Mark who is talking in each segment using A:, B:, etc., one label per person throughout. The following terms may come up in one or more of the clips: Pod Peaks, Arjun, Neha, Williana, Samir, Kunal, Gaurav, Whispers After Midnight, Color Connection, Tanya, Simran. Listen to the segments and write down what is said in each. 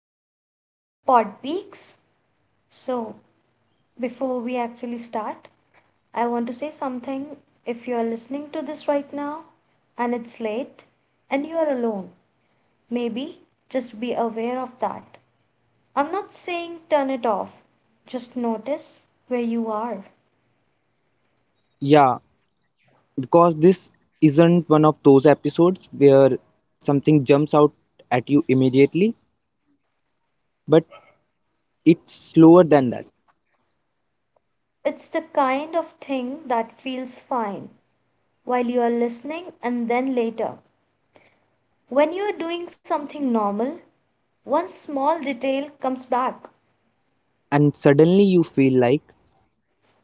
A: podcast, Pod Peaks. So, before we actually start, I want to say something. If you are listening to this right now and it's late and you are alone, maybe just be aware of that. I'm not saying turn it off, just notice where you are.
B: Yeah, because this isn't one of those episodes where something jumps out at you immediately, but it's slower than that.
A: It's the kind of thing that feels fine while you are listening and then later when you're doing something normal, one small detail comes back.
B: And suddenly you feel like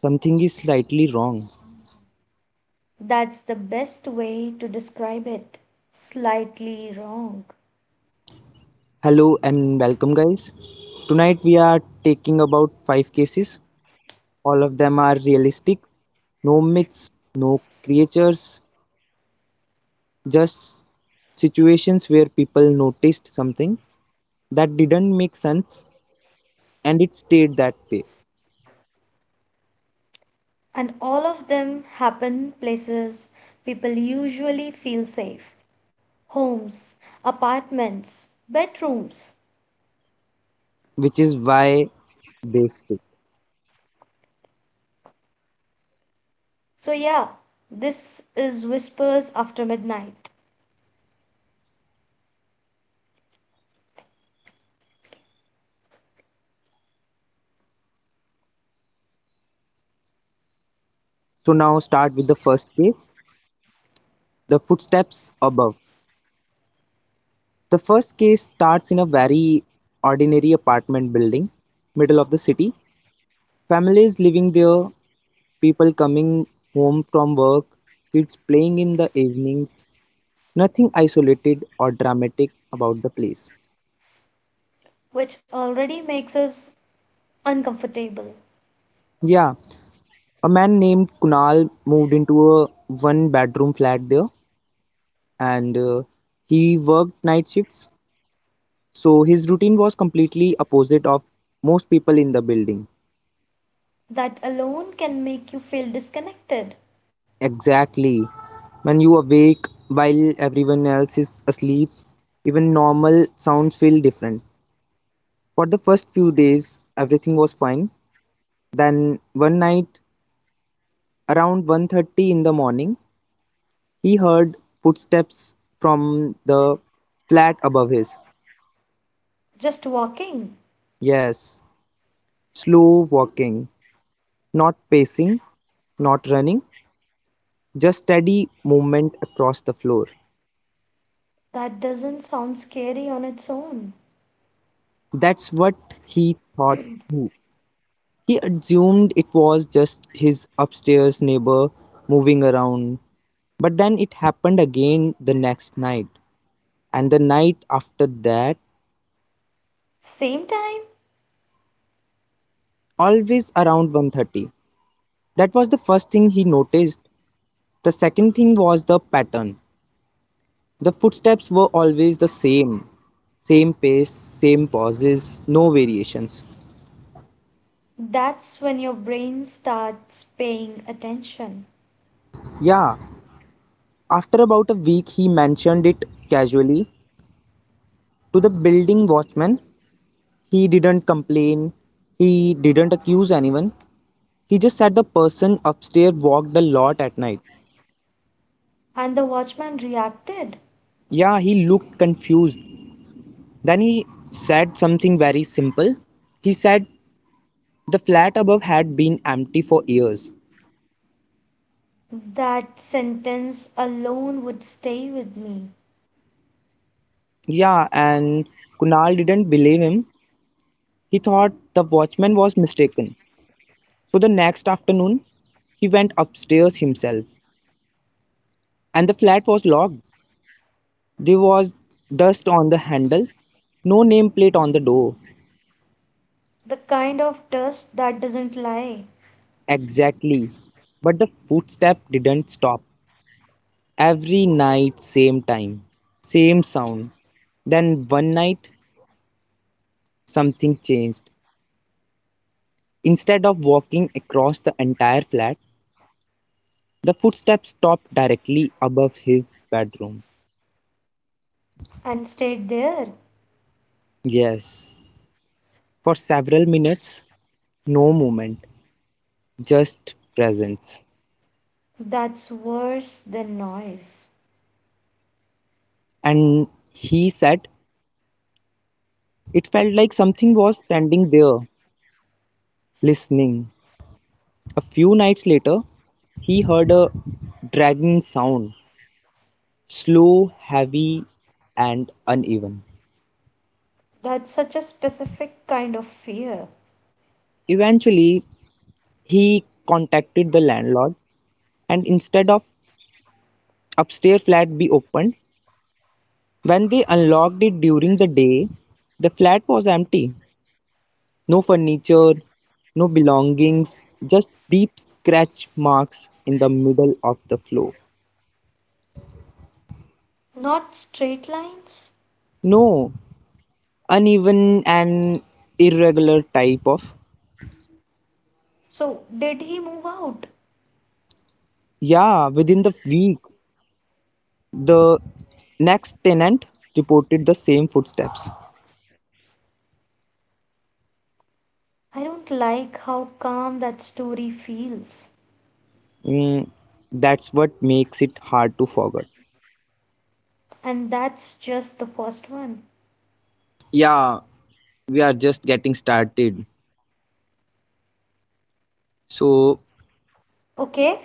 B: something is slightly wrong.
A: That's the best way to describe it. Slightly wrong.
B: Hello and welcome, guys. Tonight we are taking about five cases. All of them are realistic. No myths, no creatures, just situations where people noticed something that didn't make sense and it stayed that way.
A: And all of them happen places people usually feel safe, homes, apartments, bedrooms.
B: Which is why they stick.
A: So, yeah, this is Whispers After Midnight,
B: So now start with the first case, the footsteps above. The first case starts in a very ordinary apartment building, middle of the city. Families living there, people coming home from work, kids playing in the evenings. Nothing isolated or dramatic about the place.
A: which already makes us uncomfortable.
B: Yeah, a man named Kunal moved into a one bedroom flat there and he worked night shifts. So his routine was completely opposite of most people in the building.
A: That alone can make you feel disconnected.
B: Exactly. When you awake while everyone else is asleep, even normal sounds feel different. For the first few days, everything was fine. Then one night around 1:30 in the morning, he heard footsteps from the flat above his.
A: Just walking.
B: Yes, slow walking, not pacing, not running, just steady movement across the floor.
A: That doesn't sound scary on its own.
B: That's what he thought too. He assumed it was just his upstairs neighbor moving around. But then it happened again the next night and the night after that,
A: Same time,
B: always around 1:30. That was the first thing he noticed. The second thing was the pattern. The footsteps were always the same. Same pace, same pauses, no variations.
A: that's when your brain starts paying attention.
B: Yeah, after about a week, he mentioned it casually to the building watchman. He didn't complain, he didn't accuse anyone. He just said the person upstairs walked a lot at night.
A: And the watchman reacted.
B: Yeah, he looked confused. Then he said something very simple. He said the flat above had been empty for years.
A: That sentence alone would stay with me.
B: Yeah, and Kunal didn't believe him. He thought the watchman was mistaken. So the next afternoon, he went upstairs himself, and the flat was locked. There was dust on the handle, no nameplate on the door.
A: The kind of dust that doesn't lie.
B: Exactly. But the footstep didn't stop. Every night, same time, same sound. Then one night, something changed. Instead of walking across the entire flat, the footstep stopped directly above his bedroom.
A: And stayed there.
B: Yes, for several minutes, no movement, just presence.
A: That's worse than noise.
B: And he said it felt like something was standing there, listening. A few nights later, he heard a dragging sound, slow, heavy, and uneven.
A: That's such a specific kind of fear.
B: Eventually, he contacted the landlord, and instead of upstairs flat be opened, when they unlocked it during the day, the flat was empty. No furniture, no belongings, just deep scratch marks in the middle of the floor.
A: Not straight lines.
B: No, uneven and irregular type of.
A: So, did he move out?
B: Yeah, within the week, the next tenant reported the same footsteps.
A: I don't like how calm that story feels.
B: Mm, that's what makes it hard to forget.
A: And that's just the first one.
B: Yeah, we are just getting started. So,
A: Okay,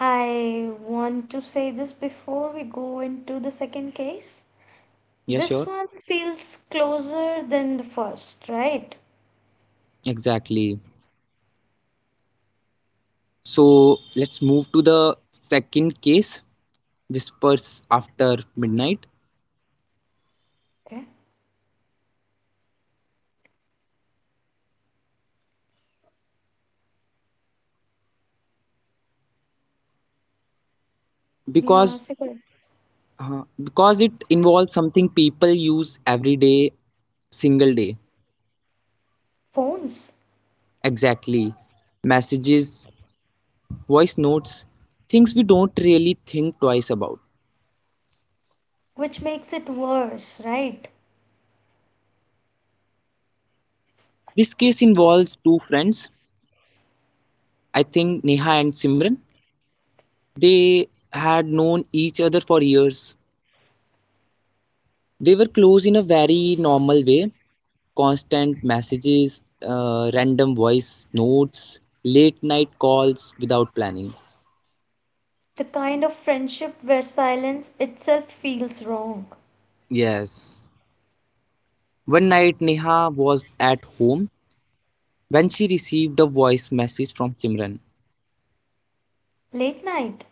A: I want to say this before we go into the second case.
B: yeah,
A: This
B: sure.
A: one feels closer than the first, right?
B: Exactly. So, let's move to the second case, Whispers After Midnight,
A: Okay. Yeah,
B: because
A: second.
B: because it involves something people use every day, single day.
A: Phones,
B: Exactly. Messages, voice notes, things we don't really think twice about.
A: which makes it worse, right?
B: This case involves two friends, I think Neha and Simran. They had known each other for years. They were close in a very normal way: constant messages, random voice notes, late night calls without planning.
A: The kind of friendship where silence itself feels wrong.
B: Yes. One night, Neha was at home when she received a voice message from Simran.
A: Late night,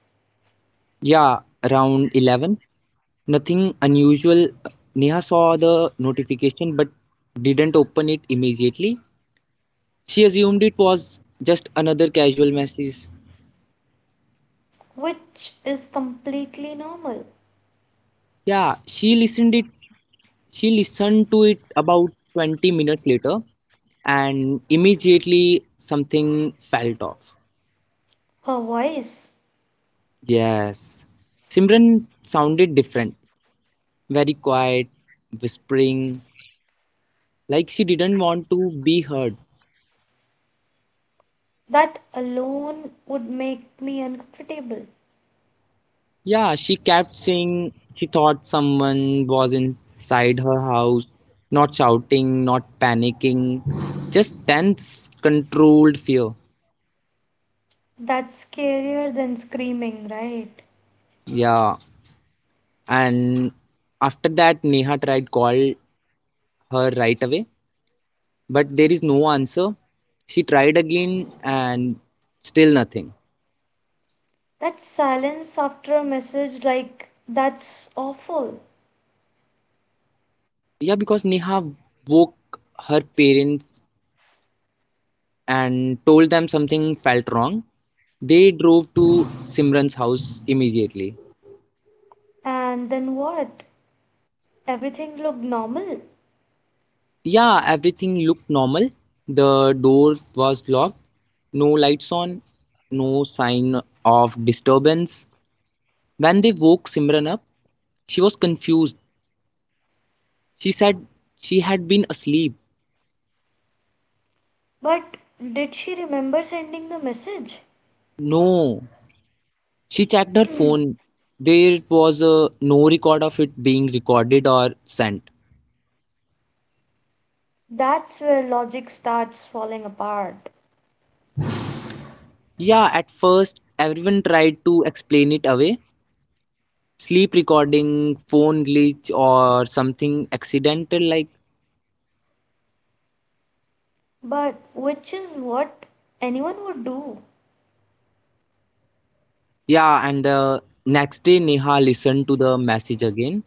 B: Yeah, around 11. Nothing unusual. Neha saw the notification but didn't open it immediately. She assumed it was just another casual message.
A: which is completely normal.
B: Yeah, she listened to it about 20 minutes later and immediately something felt off.
A: Her voice,
B: Yes. Simran sounded different, very quiet, whispering, like she didn't want to be heard.
A: that alone would make me uncomfortable.
B: Yeah, she kept saying she thought someone was inside her house, not shouting, not panicking, just tense, controlled fear.
A: That's scarier than screaming, right?
B: Yeah, and after that, Neha tried call her right away, but there is no answer. She tried again and still nothing.
A: That silence after a message like that's awful.
B: Yeah, because Neha woke her parents and told them something felt wrong. They drove to Simran's house immediately.
A: And then what? Everything looked normal.
B: Yeah, everything looked normal. The door was locked, no lights on, no sign of disturbance. When they woke Simran up, she was confused. She said she had been asleep.
A: But did she remember sending the message?
B: No. She checked her phone. There was no record of it being recorded or sent.
A: That's where logic starts falling apart.
B: Yeah, at first, everyone tried to explain it away. Sleep recording, phone glitch, or something accidental like.
A: But which is what anyone would do.
B: Yeah, and the next day Neha listened to the message again,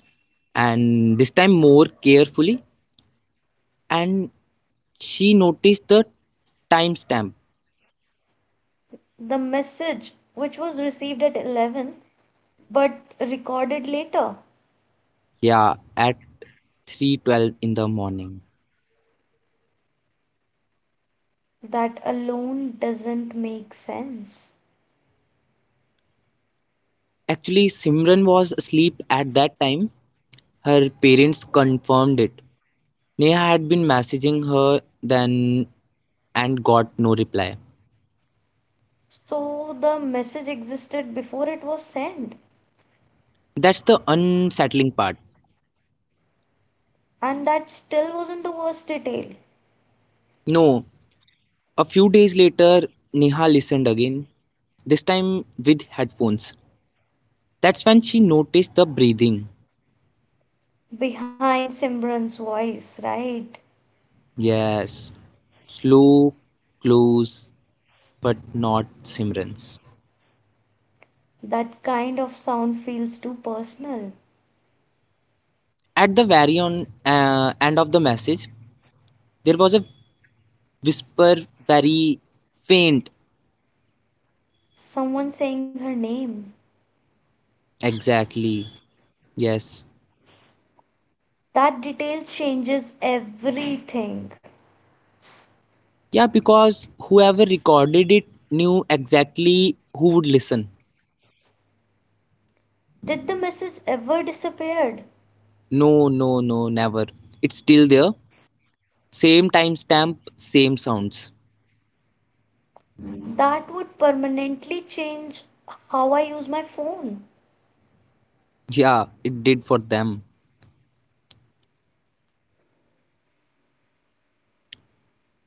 B: and this time more carefully, and she noticed the timestamp.
A: The message, which was received at 11 but recorded later,
B: Yeah, at 3:12 in the morning.
A: that alone doesn't make sense.
B: Actually, Simran was asleep at that time. Her parents confirmed it. Neha had been messaging her then and got no reply.
A: So the message existed before it was sent,
B: That's the unsettling part.
A: and that still wasn't the worst detail,
B: No, a few days later, Neha listened again, this time with headphones. That's when she noticed the breathing.
A: behind Simran's voice, right?
B: Yes, slow, close, but not Simran's.
A: That kind of sound feels too personal.
B: At the very end of the message, there was a whisper, very faint.
A: Someone saying her name.
B: Exactly. Yes.
A: That detail changes everything.
B: Yeah, because whoever recorded it knew exactly who would listen.
A: Did the message ever disappear?
B: No, no, no, never. It's still there. Same timestamp, same sounds.
A: That would permanently change how I use my phone.
B: Yeah, it did for them.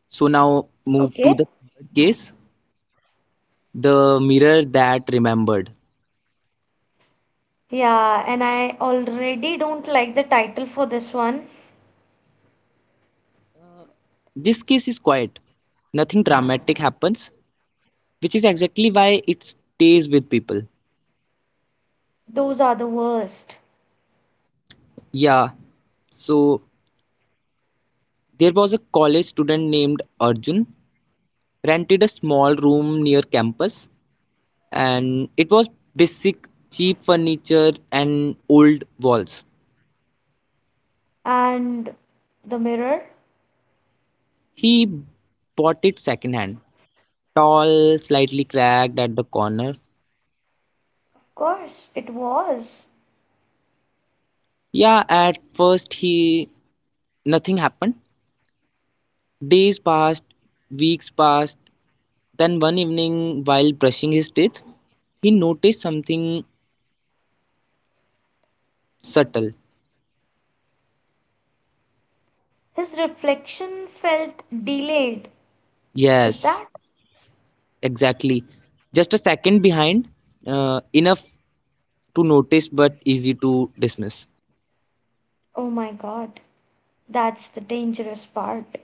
B: So now move
A: Okay.
B: to the third case, the mirror that remembered.
A: Yeah, and I already don't like the title for this one.
B: This case is quiet. Nothing dramatic happens, which is exactly why it stays with people.
A: Those are the worst.
B: Yeah, so there was a college student named Arjun, rented a small room near campus, and it was basic cheap furniture and old walls.
A: And the mirror?
B: He bought it secondhand, tall, slightly cracked at the corner.
A: Gosh, it was.
B: Yeah, at first he nothing happened. Days passed, weeks passed. Then one evening, while brushing his teeth, he noticed something subtle.
A: His reflection felt delayed. Is
B: Yes,
A: that?
B: exactly. Just a second behind, enough to notice but easy to dismiss.
A: Oh my god. That's the dangerous part.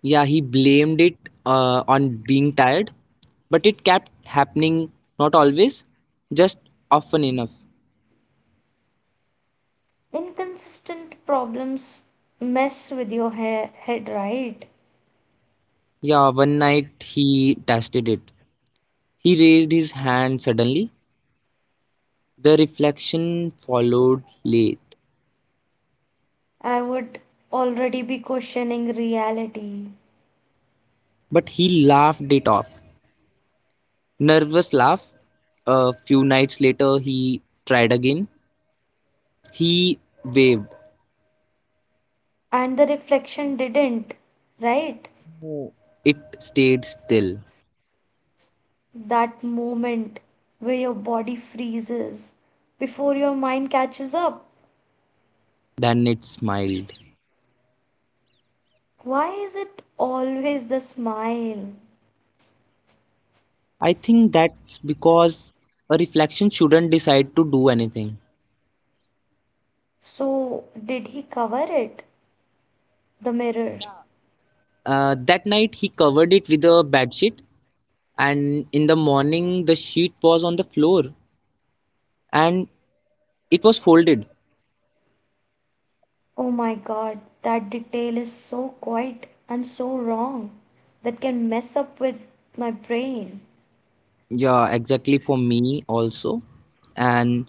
B: Yeah, he blamed it on being tired, but it kept happening, not always, just often enough.
A: Inconsistent problems mess with your head, right?
B: Yeah, one night he tested it. He raised his hand suddenly. The reflection followed late,
A: I would already be questioning reality.
B: but he laughed it off. Nervous laugh. A few nights later, he tried again. He waved.
A: And the reflection didn't, right?
B: It stayed still.
A: That moment where your body freezes before your mind catches up.
B: Then it smiled.
A: Why is it always the smile?
B: I think that's because a reflection shouldn't decide to do anything.
A: So, did he cover it? The mirror.
B: That night, he covered it with a bedsheet, and in the morning, the sheet was on the floor and it was folded.
A: Oh my god, that detail is so quiet and so wrong that can mess up with my brain.
B: Yeah, exactly for me also. And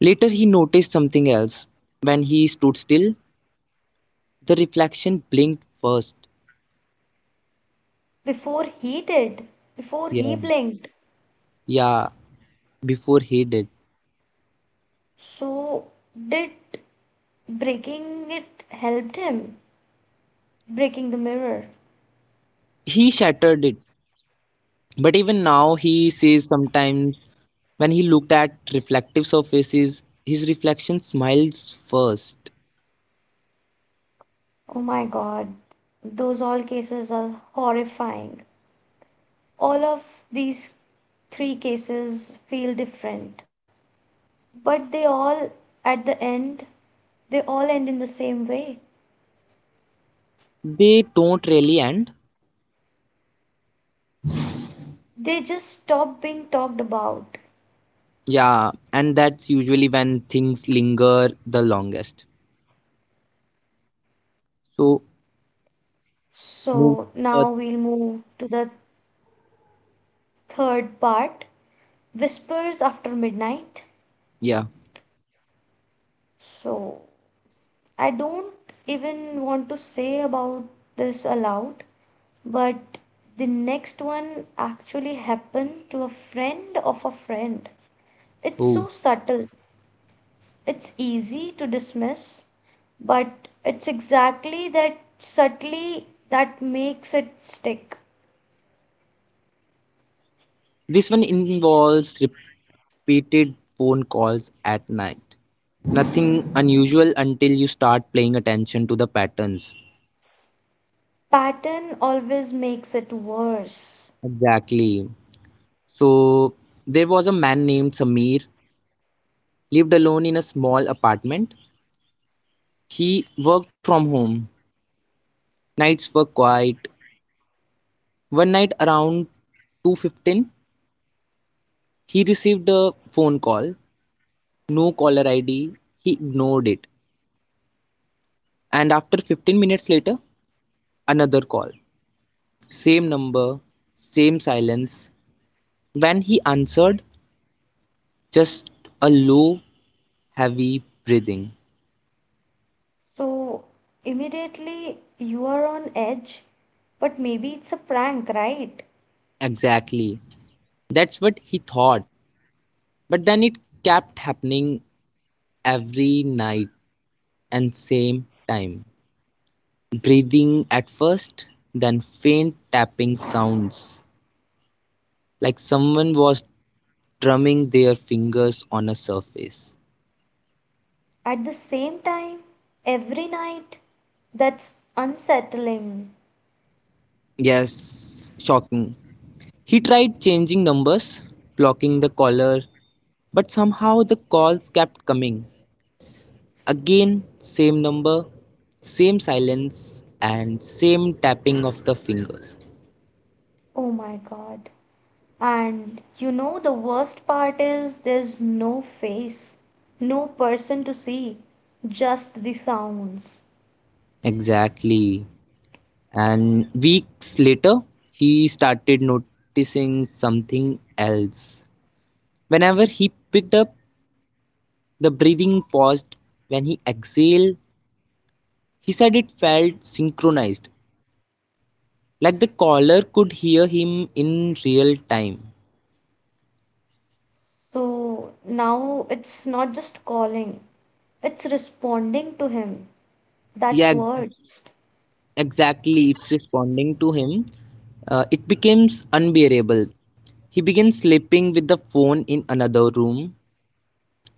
B: later he noticed something else. When he stood still, the reflection blinked first.
A: Before he did, before he
B: Yeah,
A: blinked.
B: yeah, before he did.
A: So, did breaking it helped him? Breaking the mirror.
B: He shattered it. But even now, he says sometimes when he looked at reflective surfaces, his reflection smiles first.
A: Oh my God, those all cases are horrifying. All of these three cases feel different, but they all, at the end, they all end in the same way.
B: They don't really end.
A: They just stop being talked about.
B: Yeah, and that's usually when things linger the longest. So,
A: So
B: move.
A: now we'll
B: Further.
A: move to the third part, Whispers After Midnight.
B: Yeah.
A: So I don't even want to say about this aloud, but the next one actually happened to a friend of a friend. It's
B: Oh.
A: so subtle, it's easy to dismiss, but it's exactly that subtly that makes it stick.
B: This one involves repeated phone calls at night. Nothing unusual until you start paying attention to the patterns.
A: Pattern always makes it worse.
B: Exactly. So there was a man named Samir, lived alone in a small apartment. He worked from home. Nights were quiet. One night around 2:15, he received a phone call. No caller ID. He ignored it. And after 15 minutes later, another call. Same number, same silence. When he answered, just a low, heavy breathing.
A: So immediately you are on edge, but maybe it's a prank, right?
B: Exactly. That's what he thought. But then it kept happening every night and same time. Breathing at first, then faint tapping sounds, like someone was drumming their fingers on a surface.
A: At the same time every night. That's unsettling.
B: Yes, shocking. He tried changing numbers, blocking the caller, but somehow the calls kept coming. Again, same number, same silence, and same tapping of the fingers.
A: Oh my god. And you know, the worst part is there's no face, no person to see, just the sounds.
B: Exactly. And weeks later, he started noticing something else. Whenever he picked up, the breathing paused. When he exhaled, he said it felt synchronized, like the caller could hear him in real time.
A: So now it's not just calling, it's responding to him.
B: Yeah,
A: That's
B: exactly.
A: words.
B: Exactly, it's responding to him. It becomes unbearable. He begins sleeping with the phone in another room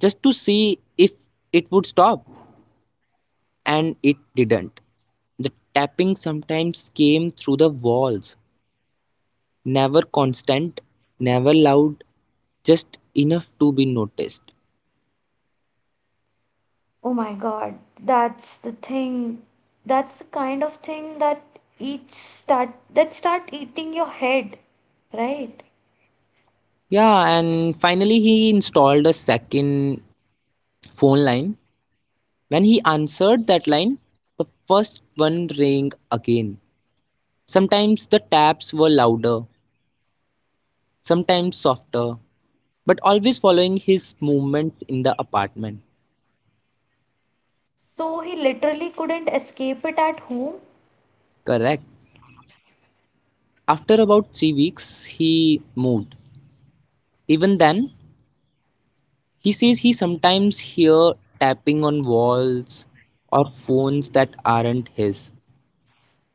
B: just to see if it would stop, and it didn't. The tapping sometimes came through the walls, never constant, never loud, just enough to be noticed.
A: Oh my God, that's the thing. That's the kind of thing that start eating your head, right?
B: Yeah, and finally he installed a second phone line. When he answered that line, the first one rang again. Sometimes the taps were louder, sometimes softer, but always following his movements in the apartment.
A: So he literally couldn't escape it at home.
B: Correct. After about 3 weeks, he moved. Even then, he says he sometimes hears tapping on walls or phones that aren't his.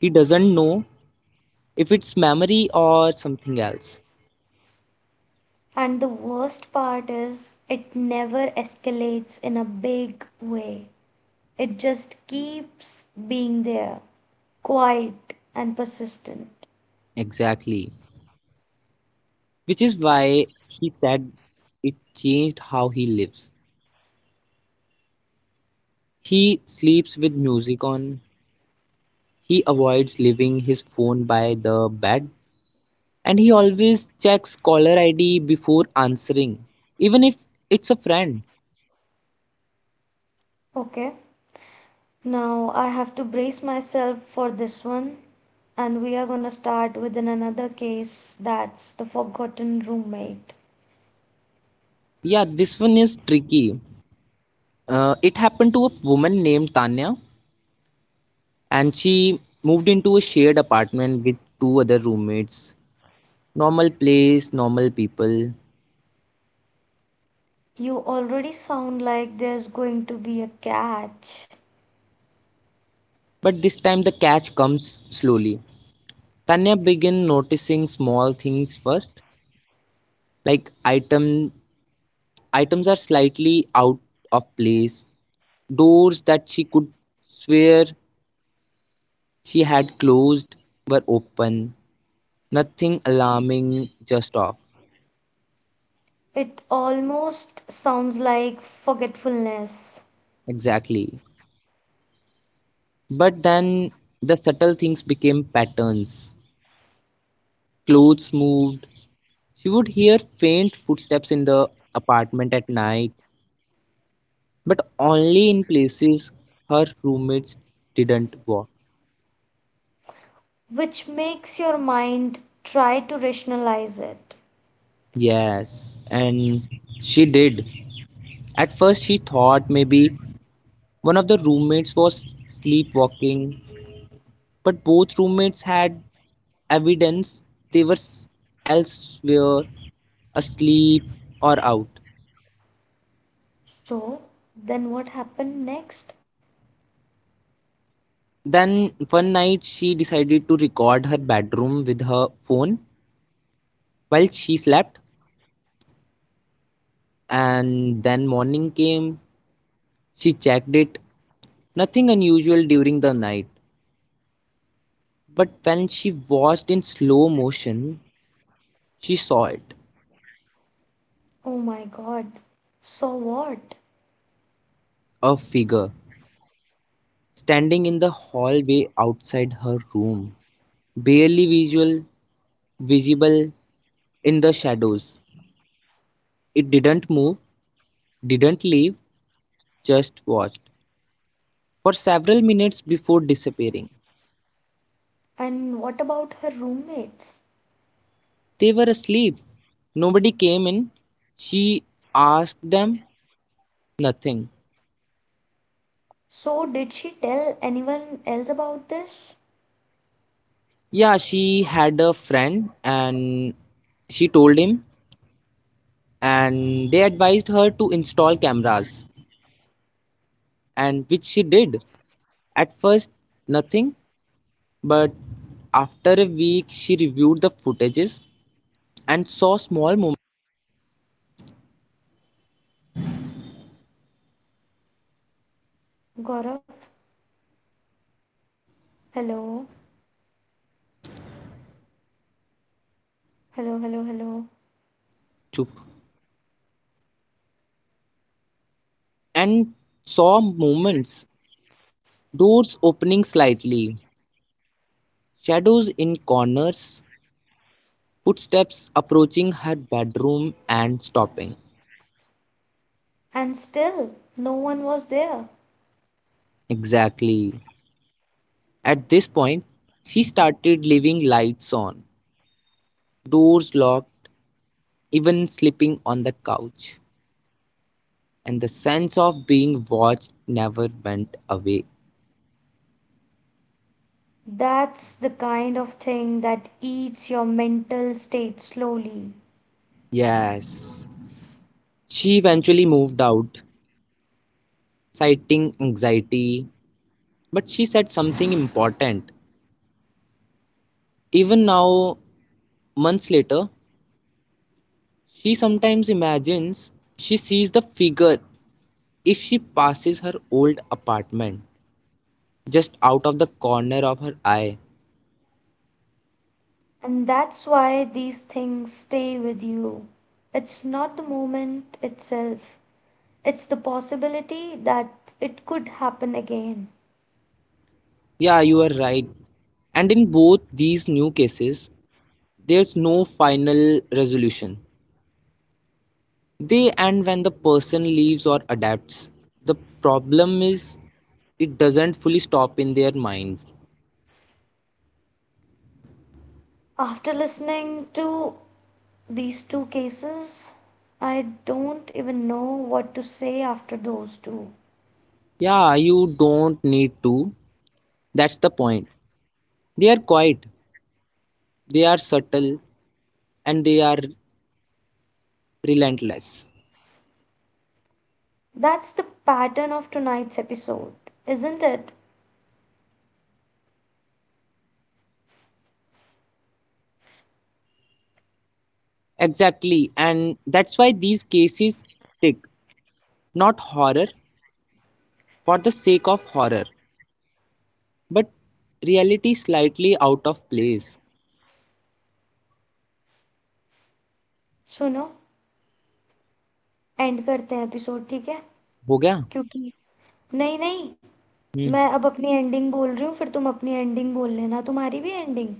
B: He doesn't know if it's memory or something else.
A: And the worst part is it never escalates in a big way. It just keeps being there, quiet and persistent.
B: Exactly. Which is why he said it changed how he lives. He sleeps with music on, he avoids leaving his phone by the bed, and he always checks caller ID before answering, even if it's a friend.
A: Okay, now I have to brace myself for this one. And we are going to start with an another case, that's the forgotten roommate.
B: Yeah, this one is tricky. It happened to a woman named Tanya, and she moved into a shared apartment with two other roommates. Normal place, normal people.
A: You already sound like there's going to be a catch.
B: But this time the catch comes slowly. Tanya began noticing small things first, like items are slightly out of place, doors that she could swear she had closed were open. Nothing alarming, just off.
A: It almost sounds like forgetfulness,
B: Exactly. But then the subtle things became patterns. Clothes moved. She would hear faint footsteps in the apartment at night, but only in places her roommates didn't walk.
A: which makes your mind try to rationalize it.
B: Yes, and she did. At first, she thought maybe one of the roommates was sleepwalking, but both roommates had evidence they were elsewhere, asleep or out.
A: So, then what happened next?
B: Then one night she decided to record her bedroom with her phone while she slept, and then morning came, she checked it. Nothing unusual during the night, but when she watched in slow motion, she saw it:
A: Oh my god. So what?
B: a figure standing in the hallway outside her room, barely visual visible in the shadows. It didn't move, didn't leave, just watched for several minutes before disappearing.
A: And what about her roommates?
B: They were asleep. Nobody came in. She asked them, nothing.
A: So, did she tell anyone else about this?
B: Yeah, she had a friend and she told him, and they advised her to install cameras, and which she did. At first nothing, but after a week she reviewed the footages.
A: Gaurav, hello. Hello, hello, hello.
B: And saw movements, doors opening slightly, shadows in corners, footsteps approaching her bedroom and stopping.
A: And still, no one was there.
B: Exactly. At point, she started leaving lights on, doors locked, even sleeping on the couch. And the sense of being watched never went away.
A: That's the kind of thing that eats your mental state slowly.
B: Yes. She eventually moved out, citing anxiety, but she said something important. Even now, months later, she sometimes imagines she sees the figure if she passes her old apartment just out of the corner of her eye.
A: And that's why these things stay with you. It's not the moment itself, it's the possibility that it could happen again.
B: Yeah, you are right. And in both these new cases, there's no final resolution. They end when the person leaves or adapts. The problem is it doesn't fully stop in their minds.
A: After listening to these two cases, I don't even know what to say after those two.
B: Yeah, you don't need to. That's the point. They are quiet. They are subtle and they are relentless.
A: That's the pattern of tonight's episode, isn't it?
B: Exactly, and that's why these cases tick. Not horror for the sake of horror, but reality slightly out of place.
A: सुनो, end करते हैं episode, ठीक है?
B: हो गया।
A: क्योंकि नहीं, नहीं,
B: हम्म।
A: मैं अब अपनी एंडिंग बोल रही हूँ, फिर तुम अपनी एंडिंग बोल लेना, तुम्हारी भी एंडिंग।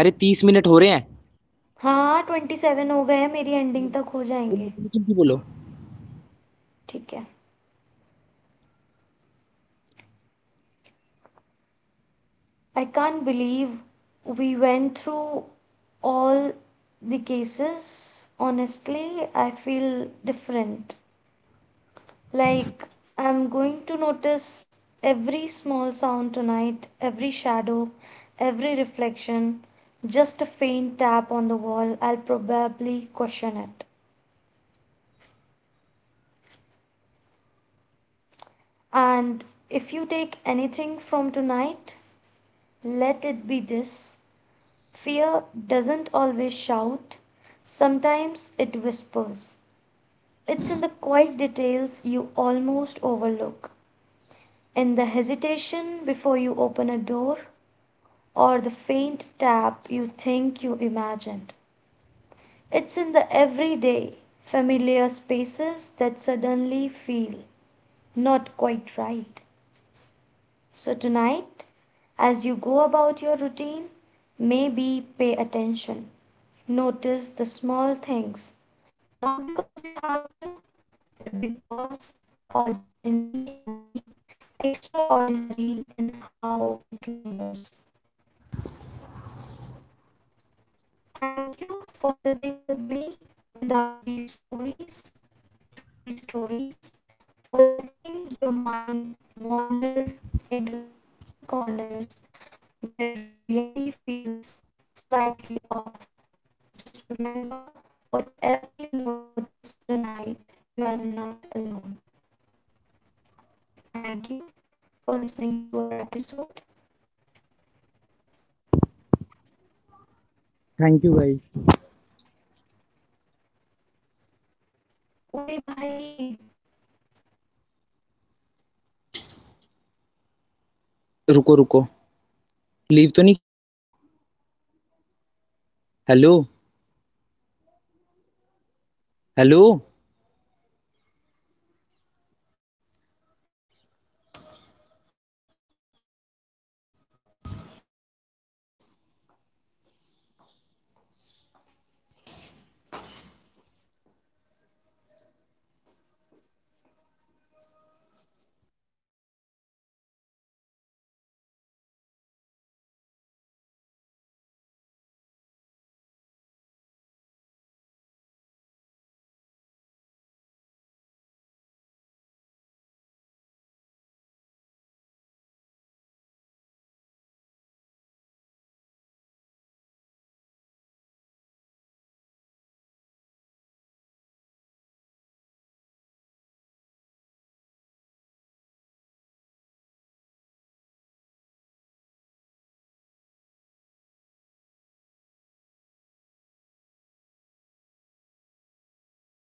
B: अरे तीस मिनट हो रहे हैं।
A: हाँ, 27 हो गए हैं, मेरी एंडिंग
B: बोल।
A: तक हो
B: बोलो
A: जाएँगे।
B: बोलो जल्दी बोलो।
A: ठीक है। I can't believe we went through all the cases, honestly I feel different. Like, I'm going to notice every small sound tonight, every shadow, every reflection, just a faint tap on the wall. I'll probably question it. And if you take anything from tonight, let it be this, fear doesn't always shout, sometimes it whispers. It's in the quiet details you almost overlook, in the hesitation before you open a door or the faint tap you think you imagined. It's in the everyday, familiar spaces that suddenly feel not quite right. So, tonight, as you go about your routine, maybe pay attention. Notice the small things, not because you have to, but because the ordinary can be extraordinary in how it lingers. Thank you for sitting with me without these stories, through these stories, for letting your mind wander into the subtle corners where reality feels slightly off. Just remember, whatever you notice tonight, you are not alone. Thank you for listening to our episode.
B: Thank you guys.
A: Ore bhai,
B: रुको रुको, leave तो नहीं किया। Hello, hello.